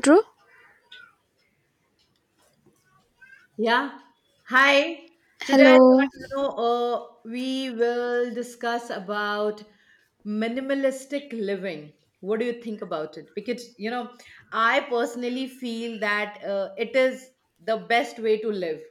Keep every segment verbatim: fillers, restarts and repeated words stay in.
Drew, Yeah. Hi. Today I hello. thought, you know, uh, we will discuss about minimalistic living. What do you think about it? Because, you know, I personally feel that uh, it is the best way to live.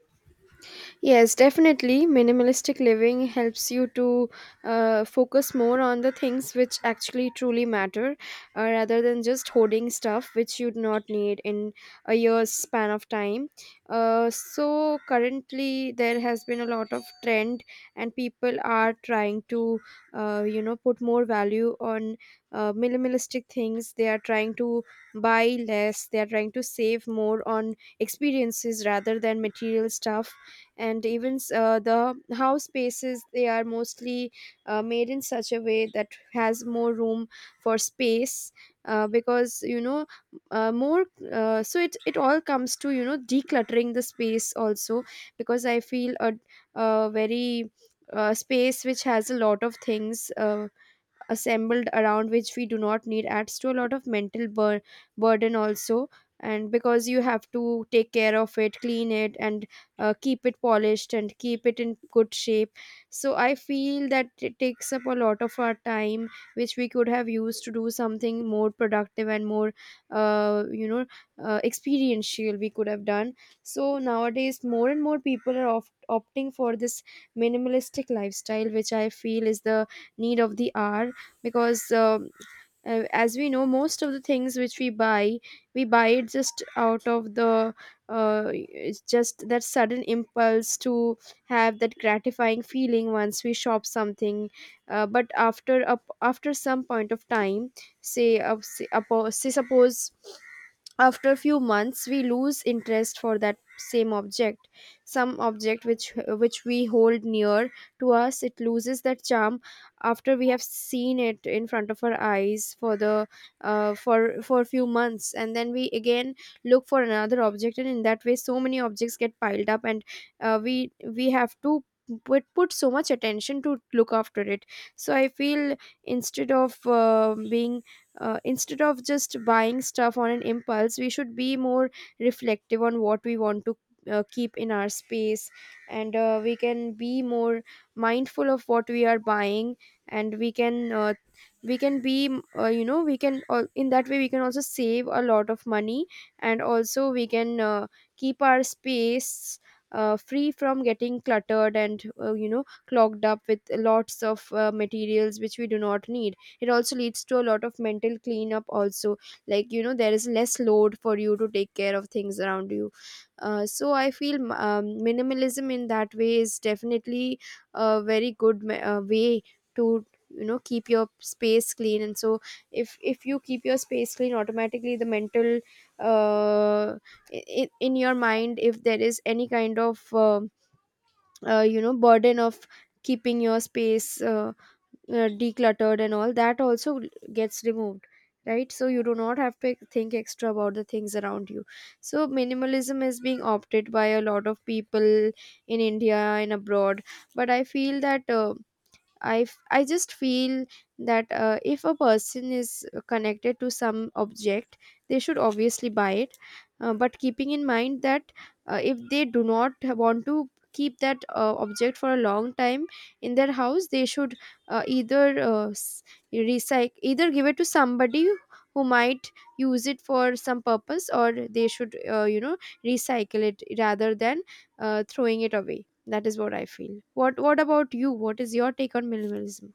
Yes, definitely. Minimalistic living helps you to uh, focus more on the things which actually truly matter, uh, rather than just hoarding stuff which you do not need in a year's span of time. Uh, so, currently, there has been a lot of trend, and people are trying to, uh, you know, put more value on uh, minimalistic things. They are trying to buy less, they are trying to save more on experiences rather than material stuff, and even s- uh, the house spaces, they are mostly uh, made in such a way that has more room for space, uh, because you know uh, more uh, so it it all comes to, you know, decluttering the space also, because I feel a, a very uh, space which has a lot of things uh, assembled around which we do not need adds to a lot of mental bur- burden also, and because you have to take care of it, clean it, and uh, keep it polished and keep it in good shape. So I feel that it takes up a lot of our time which we could have used to do something more productive and more, uh, you know uh, experiential we could have done. So nowadays more and more people are opt opting for this minimalistic lifestyle which I feel is the need of the hour, because um, uh, as we know, most of the things which we buy, we buy it just out of the uh, it's just that sudden impulse to have that gratifying feeling once we shop something. Uh, but after up after some point of time, say, uh, say, apo- say suppose after a few months we lose interest for that same object. Some object which which we hold near to us, it loses that charm after we have seen it in front of our eyes for the, uh, for for a few months, and then we again look for another object, and in that way so many objects get piled up, and uh, we we have to put, put so much attention to look after it. So I feel instead of uh, being uh, instead of just buying stuff on an impulse, we should be more reflective on what we want to uh, keep in our space, and uh, we can be more mindful of what we are buying, and we can uh, we can be, uh, you know we can al- in that way we can also save a lot of money, and also we can uh, keep our space uh, free from getting cluttered and, uh, you know, clogged up with lots of uh, materials which we do not need. It also leads to a lot of mental cleanup also, like, you know, there is less load for you to take care of things around you. Uh, so I feel um, minimalism in that way is definitely a very good me- uh, way to, you know, keep your space clean, and so if if you keep your space clean, automatically the mental uh, in, in your mind, if there is any kind of uh, uh, you know burden of keeping your space uh, uh, decluttered and all that, also gets removed, right? So you do not have to think extra about the things around you. So minimalism is being opted by a lot of people in India and abroad, but I feel that, uh, I, f- I just feel that, uh, if a person is uh, connected to some object, they should obviously buy it. Uh, but keeping in mind that, uh, if they do not want to keep that uh, object for a long time in their house, they should uh, either uh, s- recycle, either give it to somebody who might use it for some purpose, or they should, uh, you know, recycle it rather than uh, throwing it away. That is what I feel. What What about you? What is your take on minimalism?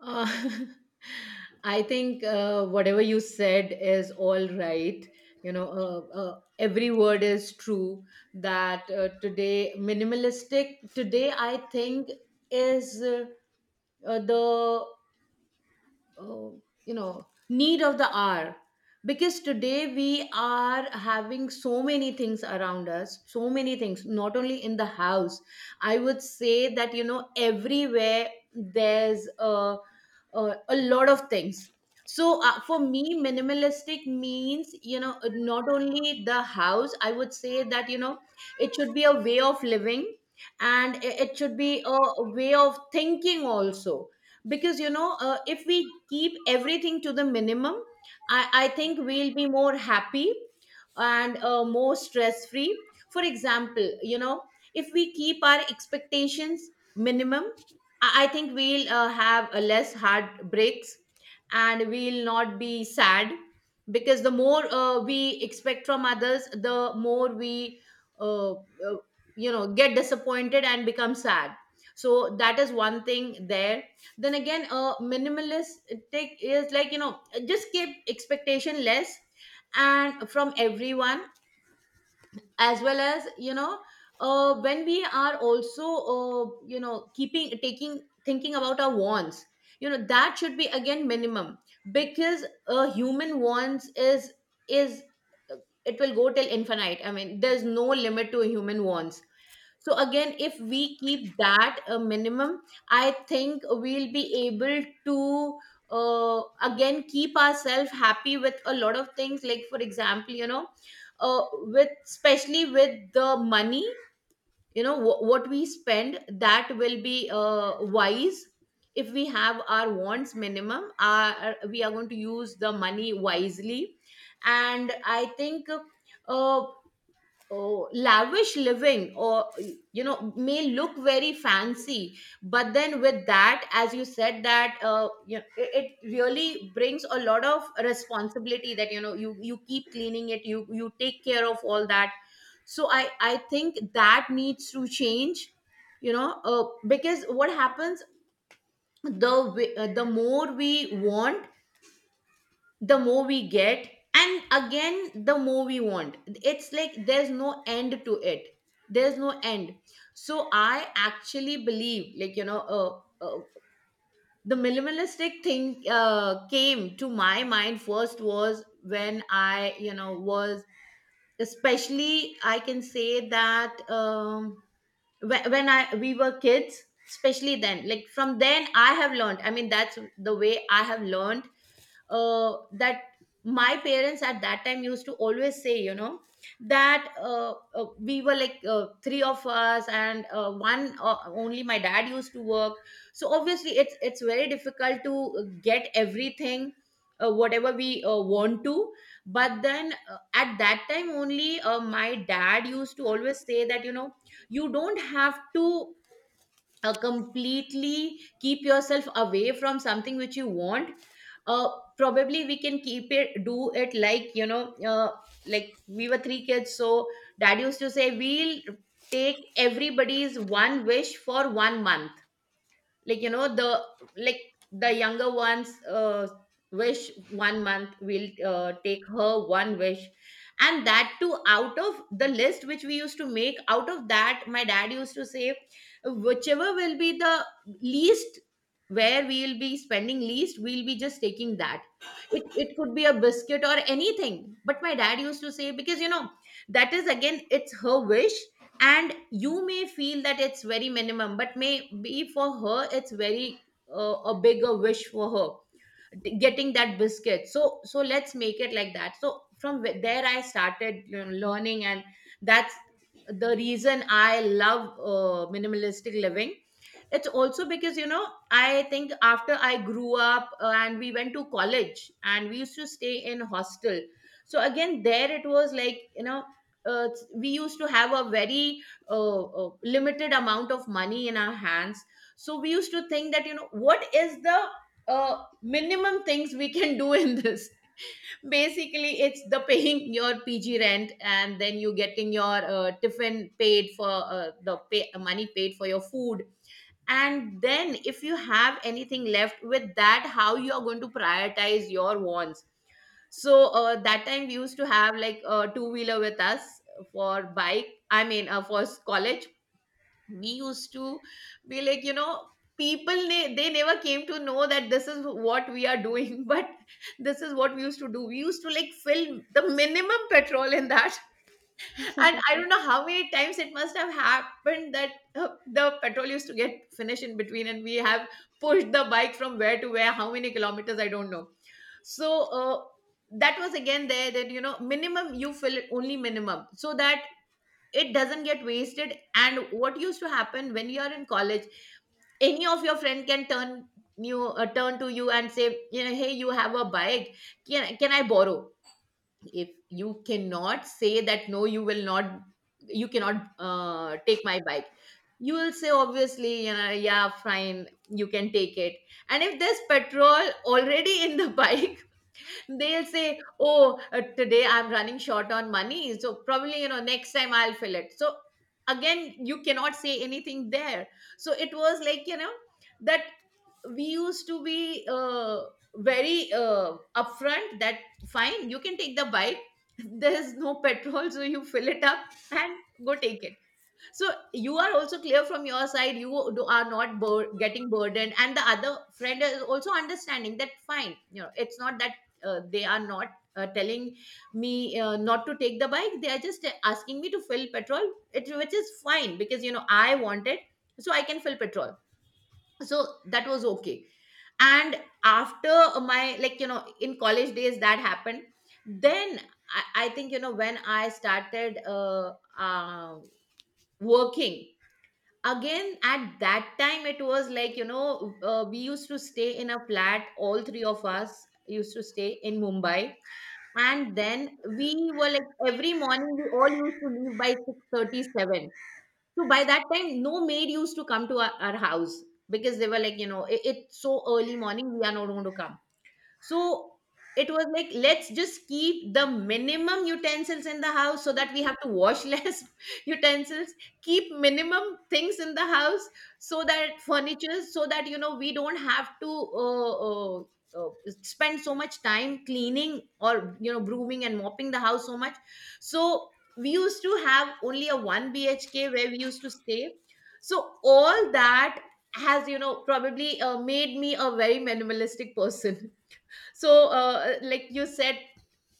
Uh, I think uh, whatever you said is all right. You know, uh, uh, every word is true that uh, today, minimalistic today, I think is, Uh, uh, the uh, you know need of the hour, because today we are having so many things around us, so many things not only in the house. I would say that you know everywhere there's a, a, a lot of things. So, uh, for me minimalistic means, you know not only the house. I would say that you know it should be a way of living, and it it should be a way of thinking also. Because you know uh, if we keep everything to the minimum, i, I think we'll be more happy, and uh, more stress free. For example, you know if we keep our expectations minimum, i, I think we'll uh, have a less heartbreaks, and we'll not be sad, because the more uh, we expect from others, the more we uh, uh, you know get disappointed and become sad. So that is one thing there. Then again, a minimalist take is like, you know just keep expectation less, and from everyone, as well as, you know uh, when we are also uh, you know keeping, taking, thinking about our wants, you know that should be again minimum. Because a human wants is is uh, it will go till infinite. I mean, there's no limit to human wants. So again, if we keep that a minimum, I think we'll be able to uh, again keep ourselves happy with a lot of things, like, for example, you know uh, with, especially with the money. You know wh- what we spend, that will be uh, wise. If we have our wants minimum, our, uh, we are going to use the money wisely. And I think, uh, oh, lavish living, or, you know, may look very fancy, but then, with that, as you said, that uh, you know, it, it really brings a lot of responsibility. That, you know, you you keep cleaning it, you you take care of all that. So I I think that needs to change. You know, uh, because what happens, the wi- uh, the more we want, the more we get, and again the more we want, it's like there's no end to it. There's no end. So I actually believe, like, you know uh, uh, the minimalistic thing uh, came to my mind first was when I you know was, especially, I can say that. Um whe- when i we were kids, especially then, like, from then I have learned. I mean, that's the way I have learned, uh, that my parents at that time used to always say, you know that uh, uh, we were like uh, three of us, and uh, one uh, only my dad used to work. So obviously it's it's very difficult to get everything, uh, whatever we uh, want to. But then, uh, at that time only, uh, my dad used to always say that, you know you don't have to uh, completely keep yourself away from something which you want. uh, Probably we can keep it, do it, like, you know uh, like we were three kids, so dad used to say we'll take everybody's one wish for one month. Like you know the like the younger ones, uh, wish one month, will uh, take her one wish, and that too, out of the list which we used to make. Out of that, my dad used to say, whichever will be the least, where we will be spending least, we'll be just taking that. It, it could be a biscuit or anything, but my dad used to say, because, you know that is again, it's her wish, and you may feel that it's very minimum, but may be for her it's very uh, a bigger wish for her, t- getting that biscuit. So, so let's make it like that. So from wh- there, I started, you know, learning, and that's the reason I love uh, minimalistic living. It's also because, you know I think after I grew up, uh, and we went to college and we used to stay in hostel. So again, there it was like, you know uh, we used to have a very uh, uh, limited amount of money in our hands. So we used to think that, you know what is the uh, minimum things we can do in this. Basically, it's the paying your P G rent, and then you getting your uh, tiffin paid for, uh, the pay, money paid for your food. And then, if you have anything left with that, how you are going to prioritize your wants. So, uh, that time we used to have, like, a two wheeler with us, for bike. I mean, uh, for s- college, we used to be like, you know people ne- they never came to know that this is what we are doing, but this is what we used to do. We used to, like, fill the minimum petrol in that. And I don't know how many times it must have happened that uh, the petrol used to get finished in between, and we have pushed the bike from where to where, how many kilometers I don't know. So, uh, that was again there, that, you know minimum you fill, only minimum, so that it doesn't get wasted. And what used to happen when you are in college, any of your friend can turn you uh, turn to you and say, you know hey, you have a bike, can, can I borrow? If you cannot say that, no you will not, you cannot uh, take my bike, you will say obviously, you know yeah, fine, you can take it. And if there's petrol already in the bike, they'll say, "Oh, uh, today I'm running short on money, so probably, you know next time I'll fill it." So again, you cannot say anything there. So it was like, you know that we used to be uh, very, uh, upfront. That fine, you can take the bike. There's no petrol, so you fill it up and go take it. So you are also clear from your side. You do- are not bur- getting burdened, and the other friend is also understanding that fine. You know, it's not that uh, they are not uh, telling me uh, not to take the bike. They are just uh, asking me to fill petrol, it, which is fine because, you know I want it, so I can fill petrol. So that was okay. And after my, like, you know in college days, that happened. Then I, I think, you know when I started, uh, uh, working, again at that time, it was like, you know uh, we used to stay in a flat, all three of us used to stay in Mumbai. And then we were like, every morning we all used to leave by six thirty-seven, so by that time no maid used to come to our, our house, because they were like, you know it, it's so early morning, we are not going to come. So it was like, let's just keep the minimum utensils in the house so that we have to wash less utensils, keep minimum things in the house, so that furniture, so that, you know, we don't have to uh, uh, uh, spend so much time cleaning or, you know, brooming and mopping the house so much. So we used to have only a one B H K where we used to stay. So all that has, you know, probably uh, made me a very minimalistic person. So, uh, like you said,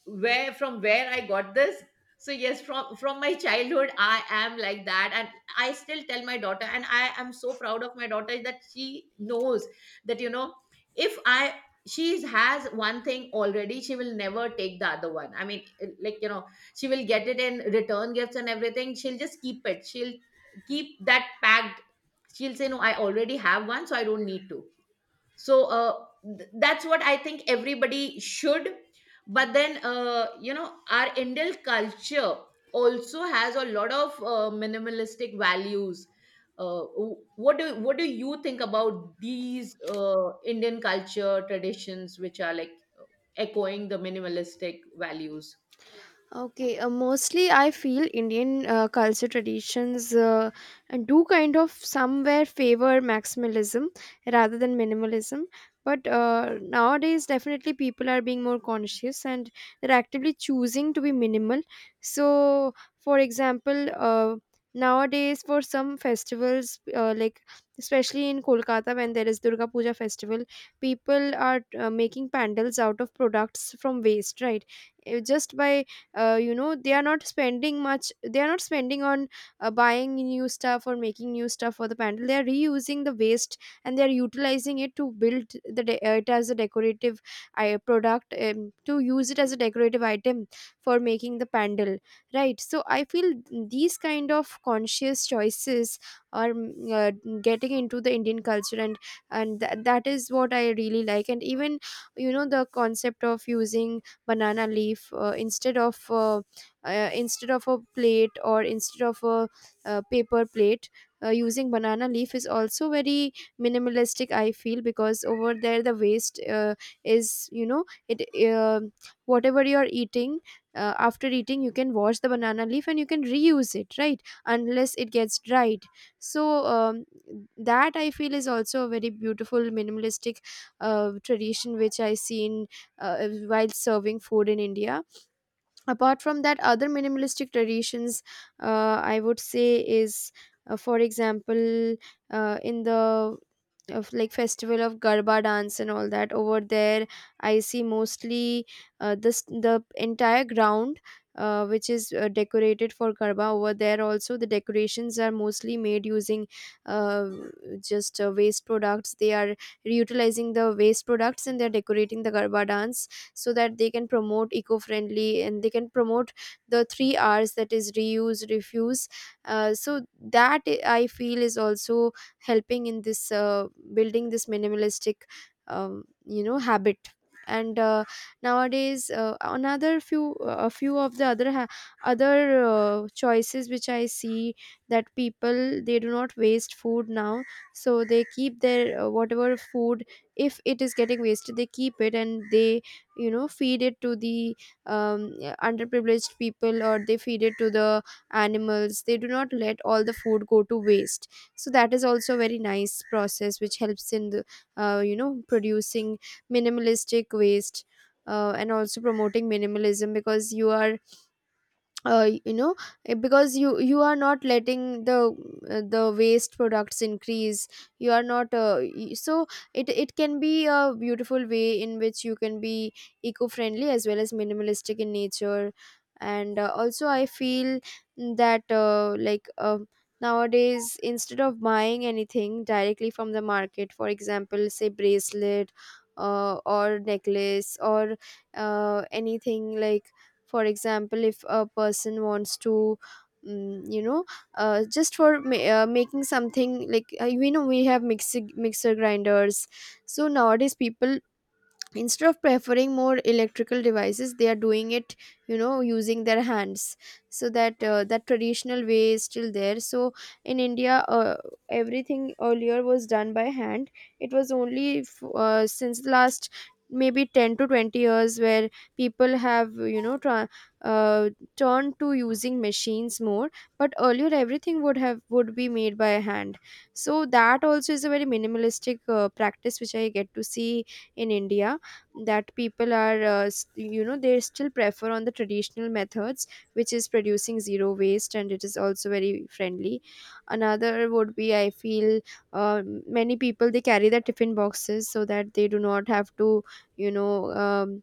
where from where I got this. So yes, from from my childhood I am like that, and I still tell my daughter, and I am so proud of my daughter, that she knows that, you know if I she has one thing already, she will never take the other one. I mean, eh, like, you know she will get it in return gifts and everything, she'll just keep it, she'll keep that packed. She'll say, no, I already have one, so I don't need to. So, uh, th- that's what I think everybody should. But then, uh, you know our Indian culture also has a lot of uh, minimalistic values. uh, w- what do what do you think about these uh, Indian culture traditions which are like echoing the minimalistic values? Okay, uh, mostly I feel Indian uh, culture traditions uh, and do kind of somewhere favor maximalism rather than minimalism. But uh, nowadays, definitely people are being more conscious and they're actively choosing to be minimal. So, for example, uh, nowadays for some festivals, uh, like especially in Kolkata when there is Durga Puja festival, people are uh, making pandals out of products from waste, right? Uh, Just by, uh, you know, they are not spending much, they are not spending on uh, buying new stuff or making new stuff for the pandal. They are reusing the waste and they are utilizing it to build the de- uh, it as a decorative uh, product, um, to use it as a decorative item for making the pandal, right? So I feel these kind of conscious choices are mm, uh, getting into the Indian culture, and and th- that is what I really like. And even, you know, the concept of using banana leaf, uh, instead of uh, uh, instead of a plate, or instead of a uh, paper plate, uh, using banana leaf is also very minimalistic, I feel, because over there the waste uh, is, you know, it uh, whatever you're eating, uh, after eating you can wash the banana leaf and you can reuse it, right, unless it gets dried. So, um, that I feel is also a very beautiful minimalistic uh, tradition which I see in uh, uh, while serving food in India. Apart from that, other minimalistic traditions, uh, I would say, is, uh, for example, uh, in the of like festival of garba dance and all that, over there I see mostly, uh, this the entire ground, uh, which is uh, decorated for garba. Over there also the decorations are mostly made using, uh, just uh, waste products. They are reutilizing the waste products and they're decorating the garba dance so that they can promote eco-friendly and they can promote the three R's, that is reuse, refuse. Uh, so that, I I feel, is also helping in this, uh, building this minimalistic, um, you know, habit. And uh, nowadays uh, another few a few of the other ha- other uh, choices which I see, that people, they do not waste food now, so they keep their, uh, whatever food if it is getting wasted, they keep it and they, you know, feed it to the, um, underprivileged people, or they feed it to the animals. They do not let all the food go to waste. So that is also a very nice process which helps in the, uh, you know producing minimalistic waste, uh, and also promoting minimalism because you are, uh, you know eh, because you you are not letting the uh, the waste products increase. You are not uh, y- so it it can be a beautiful way in which you can be eco-friendly as well as minimalistic in nature. And uh, also I feel that, uh, like uh, nowadays instead of buying anything directly from the market, for example, say, bracelet uh, or necklace or uh, anything like, for example, if a person wants to, mm, you know uh, just for ma- uh, making something like, uh, we know we have mixi- mixer grinders. So nowadays people, instead of preferring more electrical devices, they are doing it, you know, using their hands. So that uh, that traditional way is still there. So in India, uh, everything earlier was done by hand. It was only f- uh, since the last maybe ten to twenty years where people have, you know, tra- uh, turned to using machines more. But earlier everything would have would be made by hand. So that also is a very minimalistic uh, practice which I get to see in India, that people are uh, s- you know, they still prefer on the traditional methods, which is producing zero waste, and it is also very friendly. Another would be, I feel, uh, many people they carry their tiffin boxes, so that they do not have to, you know, um,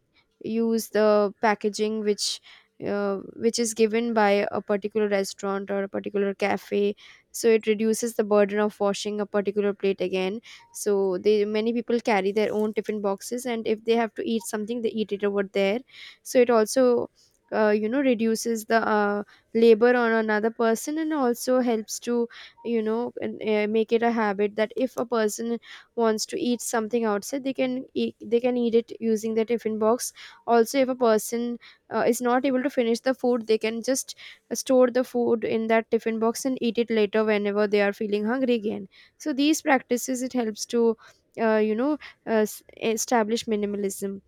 use the packaging which uh, which is given by a particular restaurant or a particular cafe, so it reduces the burden of washing a particular plate again. So they, many people carry their own tiffin boxes, and if they have to eat something they eat it over there. So it also, uh, you know reduces the, uh, labor on another person, and also helps to, you know, and, uh, make it a habit that if a person wants to eat something outside they can eat, they can eat it using the tiffin box. Also, if a person uh, is not able to finish the food, they can just store the food in that tiffin box and eat it later whenever they are feeling hungry again. So these practices, it helps to, uh, you know uh, s- establish minimalism.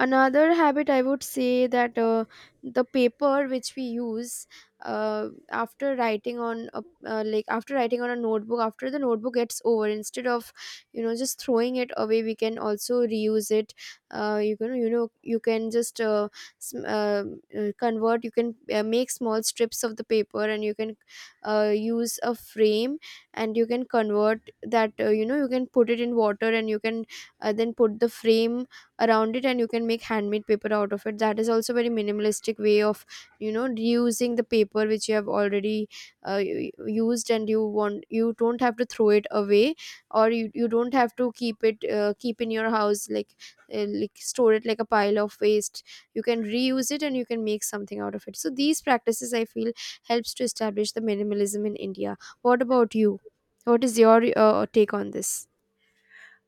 Another habit I would say that, uh, the paper which we use, uh, after writing on a, uh, like After writing on a notebook, after the notebook gets over, instead of you know just throwing it away, we can also reuse it. Uh, you can, you know you can just uh, sm- uh, uh, convert you can uh, make small strips of the paper and you can uh, use a frame, and you can convert that, uh, you know you can put it in water and you can uh, then put the frame around it, and you can make handmade paper out of it. That is also very minimalistic way of you know reusing the paper which you have already uh, u- used, and you want, you don't have to throw it away, or you, you don't have to keep it, uh, keep in your house, like uh, like store it like a pile of waste. You can reuse it and you can make something out of it. So these practices, I feel, helps to establish the minimalism in India. What about you? What is your uh, take on this?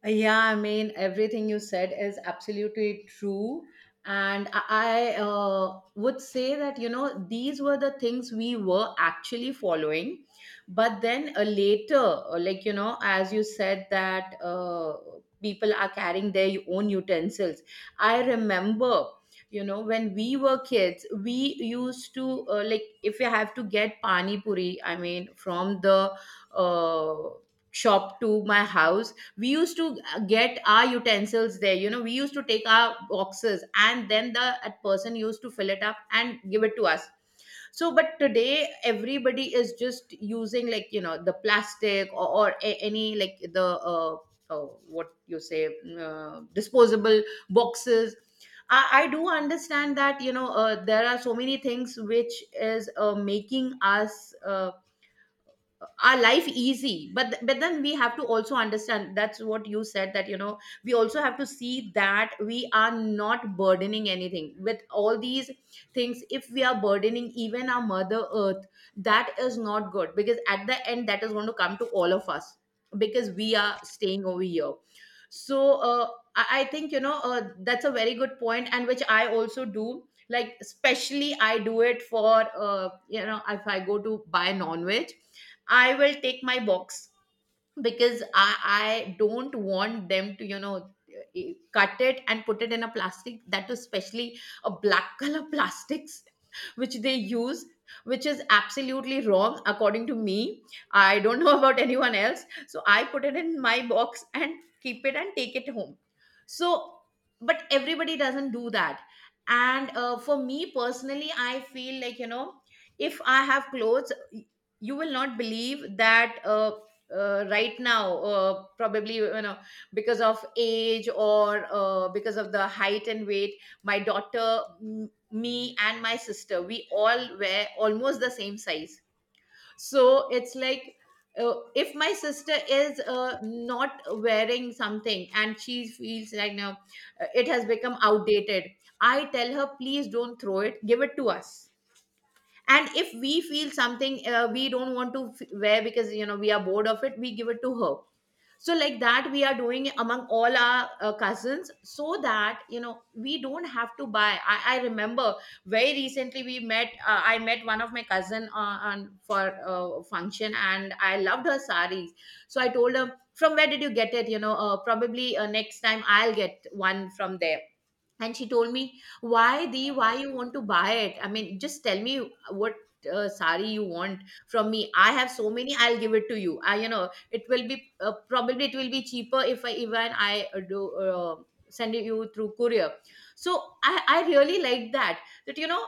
Yeah, I mean, everything you said is absolutely true. And I I, uh, would say that, you know, these were the things we were actually following. But then uh, later, uh, like, you know, as you said, that uh, people are carrying their own utensils. I remember, you know, when we were kids, we used to, uh, like, if you have to get pani puri, I mean, from the uh, shop to my house. We used to uh, get our utensils there. You know, we used to take our boxes and then the that person used to fill it up and give it to us. So but today everybody is just using, like, you know, the plastic or, or a- any like the uh, uh, what you say, uh, disposable boxes. I, I do understand that, you know, uh, there are so many things which is uh, making us, uh, our life easy, but th- but then we have to also understand, that's what you said, that, you know, we also have to see that we are not burdening anything with all these things. If we are burdening even our mother earth, that is not good, because at the end that is going to come to all of us, because we are staying over here. So, uh, I, I think, you know, uh, that's a very good point, and which I also do like. Especially I do it for, uh, you know, if I go to buy non-veg, I will take my box, because I, I don't want them to, you know, eh, cut it and put it in a plastic. That is especially a black color plastics which they use, which is absolutely wrong according to me. I don't know about anyone else, so I put it in my box and keep it and take it home. So but everybody doesn't do that. And uh, for me personally, I feel like, you know, if I have clothes, you will not believe that uh, uh, right now, uh, probably, you know, because of age or, uh, because of the height and weight, my daughter, m- me and my sister, we all wear almost the same size. So it's like, uh, if my sister is, uh, not wearing something and she feels like now, uh, it has become outdated, I tell her, please don't throw it, give it to us. And if we feel something, uh, we don't want to f- wear because, you know, we are bored of it, we give it to her. So like that we are doing it among all our, uh, cousins, so that, you know, we don't have to buy. I, I remember very recently we met, uh, I met one of my cousin, uh, on for a function, and I loved her saris. So I told her, from where did you get it? You know, uh, probably, uh, next time I'll get one from there. And she told me, why the why you want to buy it? I mean, just tell me what, uh, sari you want from me. I have so many, I'll give it to you. I, you know, it will be, uh, probably it will be cheaper if i even i uh, do, uh, send it you through courier. So i i really like that, that, you know,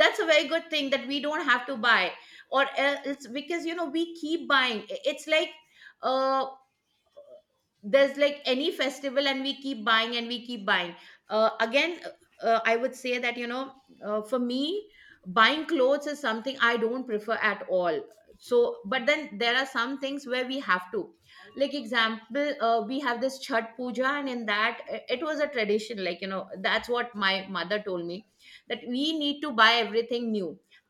that's a very good thing, that we don't have to buy. Or else, because, you know, we keep buying. It's like, uh, there's like any festival and we keep buying and we keep buying. Uh, again uh, uh, I would say that, you know, uh, for me, buying clothes is something I don't prefer at all. So but then there are some things where we have to, like example, uh, we have this chhat puja, and in that, uh, it was a tradition, like, you know, that's what my mother told me, that we need to buy everything new.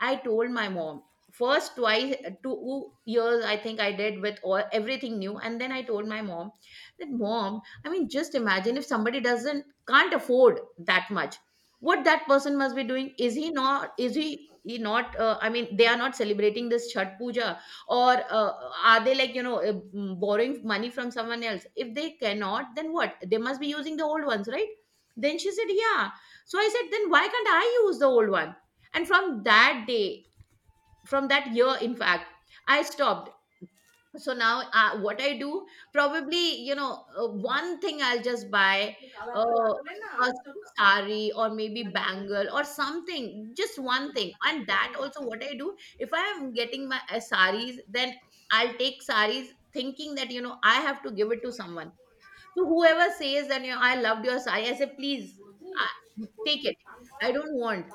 I told my mom first twice, uh, two years, I think I did with all everything new, and then I told my mom that, Mom, I mean, just imagine if somebody doesn't can't afford that much, what that person must be doing? Is he not is he he not uh, I mean, they are not celebrating this chat puja? Or, uh, are they, like, you know, uh, mm, borrowing money from someone else? If they cannot, then what? They must be using the old ones, right? Then she said yeah. So I said, then why can't I use the old one? And from that day, from that year, in fact, I stopped. So now, uh, what I do, probably, you know, uh, one thing I'll just buy, uh, a sari or maybe bangle or something, just one thing. And that also, what I do, if I am getting my, uh, saris, then I'll take saris thinking that, you know, I have to give it to someone. So whoever says that, you know, I loved your sari, I say, please, uh, take it, I don't want.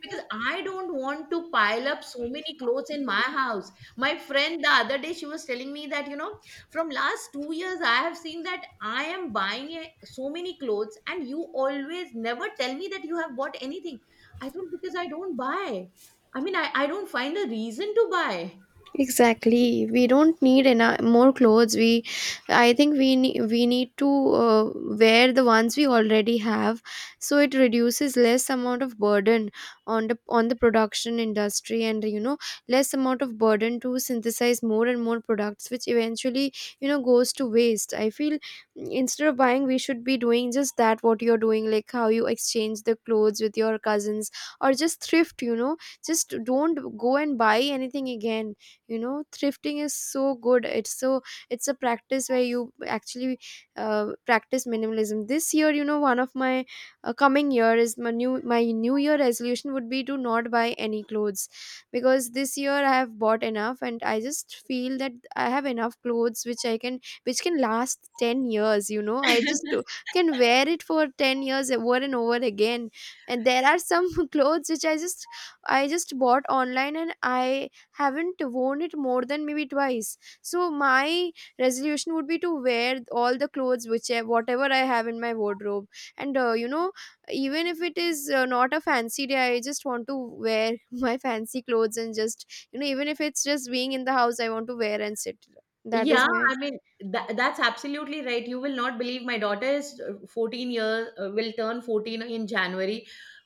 Because I don't want to pile up so many clothes in my house. My friend the other day, she was telling me that, you know, from last two years, I have seen that I am buying a- so many clothes, and you always never tell me that you have bought anything. I don't, because I don't buy. I mean, I, I don't find a reason to buy. Exactly. We don't need enough, more clothes. We, I think we need we need to uh, wear the ones we already have, so it reduces less amount of burden on the on the production industry, and you know less amount of burden to synthesize more and more products, which eventually, you know goes to waste. I feel, mm, instead of buying, we should be doing just that, what you're doing, like how you exchange the clothes with your cousins, or just thrift. You know, just don't go and buy anything again. You know thrifting is so good. It's so, it's a practice where you actually uh, practice minimalism. This year, you know one of my uh, coming year, is my new my new year resolution would be to not buy any clothes, because this year I have bought enough, and I just feel that I have enough clothes which I can which can last ten years. you know I just uh, can wear it for ten years over and over again. And there are some clothes which i just I just bought online, and I haven't worn it more than maybe twice. So my resolution would be to wear all the clothes which I, whatever I have in my wardrobe. And uh, you know even if it is uh, not a fancy day, I just want to wear my fancy clothes, and just, you know even if it's just being in the house, I want to wear and sit. That is Yeah, my, I mean, tha that's absolutely right. You will not believe, my daughter is, uh, fourteen years, uh, will turn fourteen in January.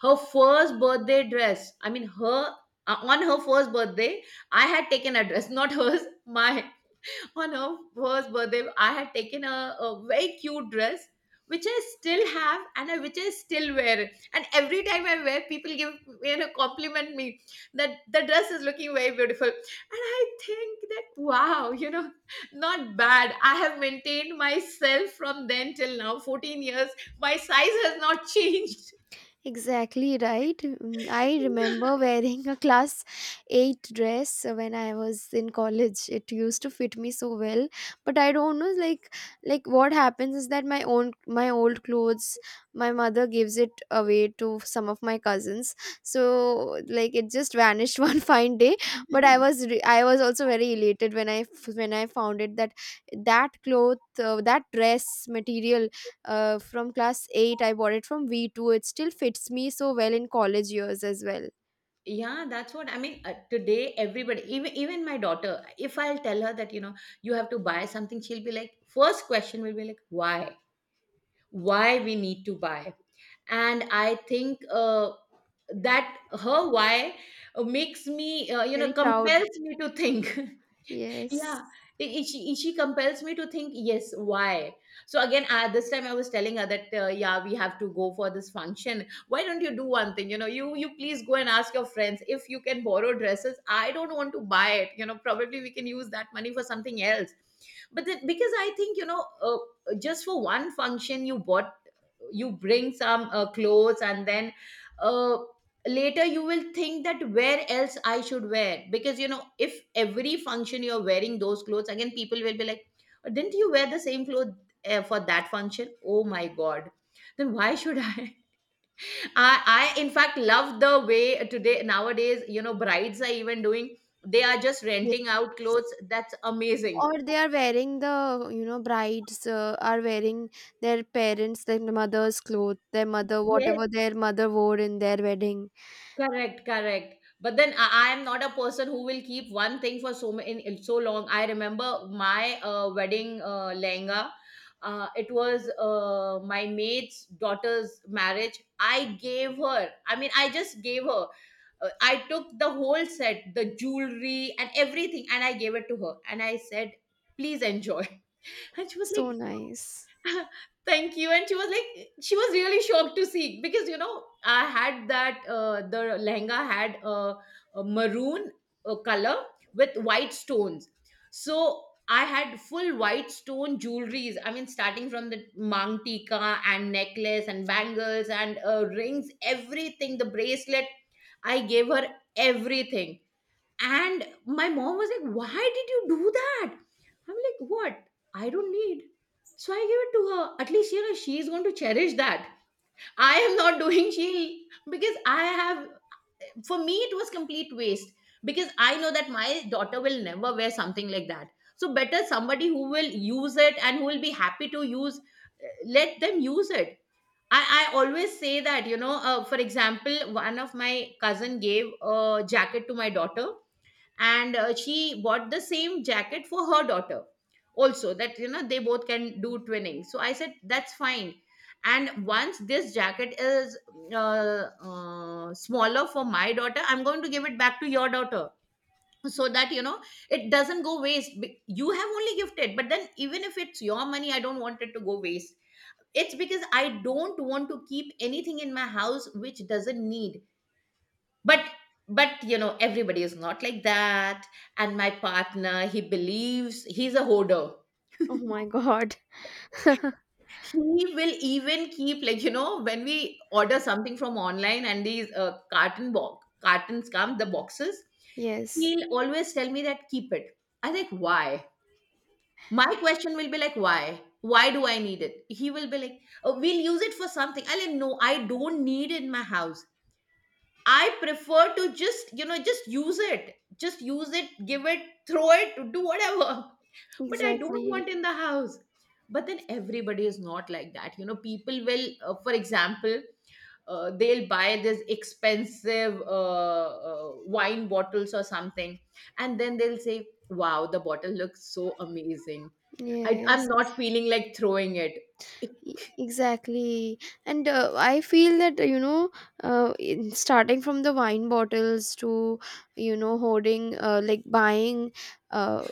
Her first birthday dress. I mean, her, uh, on her first birthday, I had taken a dress, not hers, my, on her first birthday, I had taken a, a very cute dress, which I still have, and I, which I still wear. And every time I wear, people give, you know, compliment me, that the dress is looking very beautiful. And I think that, wow, you know, not bad, I have maintained myself from then till now, fourteen years. My size has not changed. exactly right. Mm, I remember wearing a class eight dress when I was in college. It used to fit me so well, but I don't know, like, like what happens is that my own my old clothes, my mother gives it away to some of my cousins. So like it just vanished one fine day, but I was re- I was also very elated when I f- when I found it, that that cloth, uh, that dress material uh, from class eight. I bought it from V two. It still fits me so well in college years as well. Yeah, that's what I mean. Uh, today, everybody, even even my daughter, if I'll tell her that, you know, you have to buy something, she'll be like, first question will be like, why? Why we need to buy? And I think, uh, that her why, uh, makes me, uh, you know, Very proud. compels me to think. Yes. Yeah, i- i- she she compels me to think, yes, why? So again, uh, this time I was telling her that, uh, yeah, we have to go for this function. Why don't you do one thing? You know, you you please go and ask your friends if you can borrow dresses. I don't want to buy it. You know, probably we can use that money for something else. But then, because I think, you know, uh, just for one function, you bought, you bring some, uh, clothes, and then, uh, later you will think that where else I should wear, because, you know, if every function you're wearing those clothes again, people will be like, "Oh, didn't you wear the same clothes, uh, for that function? Oh my god, then why should I? I, I in fact love the way today nowadays, you know, brides are even doing, they are just renting out clothes. Yes, That's amazing. or they are wearing the, you know brides uh, are wearing their parents, their mother's clothes, their mother, Yes. whatever their mother wore in their wedding. Correct, correct. But then I I am not a person who will keep one thing for so ma- in in so long. I remember my, uh, wedding, uh, lehenga. Uh, it was, uh, my maid's daughter's marriage. I gave her. I mean, I just gave her. Uh, I took the whole set, the jewelry and everything, and I gave it to her. And I said, "Please enjoy." And she was So like, nice. thank you. And she was like, she was really shocked to see, because, you know, I had that, uh, the lehenga had a, a maroon, uh, color with white stones. So I had full white stone jewelries. I mean, starting from the mangtika and necklace and bangles and, uh, rings, everything, the bracelet, I gave her everything. And my mom was like, why did you do that? I'm like, what? I don't need. So I gave it to her. At least, you know, she is going to cherish that. I am not doing, she because I have, for me, it was complete waste, because I know that my daughter will never wear something like that. So better somebody who will use it and who will be happy to use, uh, let them use it. I, I always say that, you know, uh, for example, one of my cousin gave a jacket to my daughter, and, uh, she bought the same jacket for her daughter also, that, you know, they both can do twinning. So I said, that's fine. And once this jacket is, uh, uh, smaller for my daughter, I'm going to give it back to your daughter, so that, you know, it doesn't go waste. Be- you have only gifted, but then even if it's your money, I don't want it to go waste. It's because I don't want to keep anything in my house which doesn't need. but but you know, everybody is not like that. And my partner, he believes, he's a hoarder. Oh my god. He will even keep, like, you know, when we order something from online and these, uh, carton box cartons come, the boxes, Yes. he'll always tell me that keep it. I think, why? My question will be like, why why do I need it? He will be like, oh, we'll use it for something. I like, no, I don't need it in my house. I prefer to just, you know, just use it. Just use it, give it, throw it, do whatever. But I don't Exactly. want in the house. But then everybody is not like that. You know, people will, uh, for example, uh, they'll buy this expensive, uh, uh, wine bottles or something. And then they'll say, wow, the bottle looks so amazing. I, I'm Yes. not feeling like throwing it. E- exactly. And uh, I feel that, you know uh, in starting from the wine bottles to, you know hoarding, uh, like buying, uh,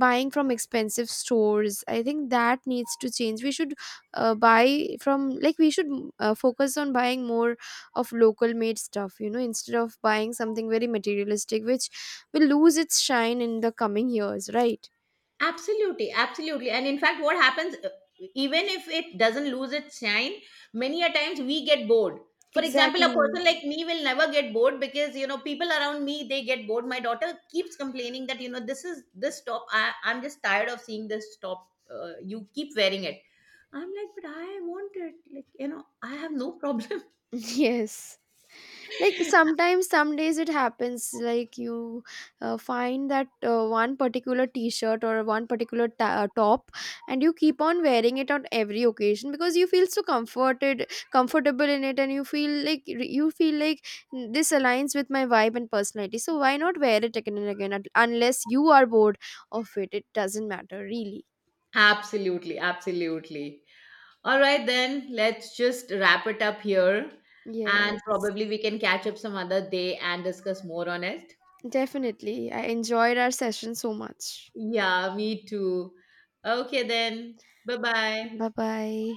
buying from expensive stores, I think that needs to change. We should uh, buy from, like we should uh, focus on buying more of local made stuff, you know instead of buying something very materialistic which will lose its shine in the coming years, right? Absolutely, absolutely. And in fact, what happens, uh, even if it doesn't lose its shine, many a times we get bored. For example, a Exactly. person like me will never get bored, because, you know, people around me, they get bored. My daughter keeps complaining that, you know, this is this top. I I'm just tired of seeing this top. Uh, you keep wearing it. I'm like, but I want it. Like, you know, I have no problem. Yes, like sometimes, some days it happens like you uh, find that uh, one particular t-shirt or one particular ta- uh, top, and you keep on wearing it on every occasion because you feel so comforted comfortable in it, and you feel like you feel like, "Mm, this aligns with my vibe and personality, so why not wear it again and again?" At- unless you are bored of it, it doesn't matter really. Absolutely, absolutely. All right, then let's just wrap it up here. And Yes, probably we can catch up some other day and discuss more on it. definitely. I enjoyed our session so much. Yeah, me too. Okay, then. Bye bye. Bye bye.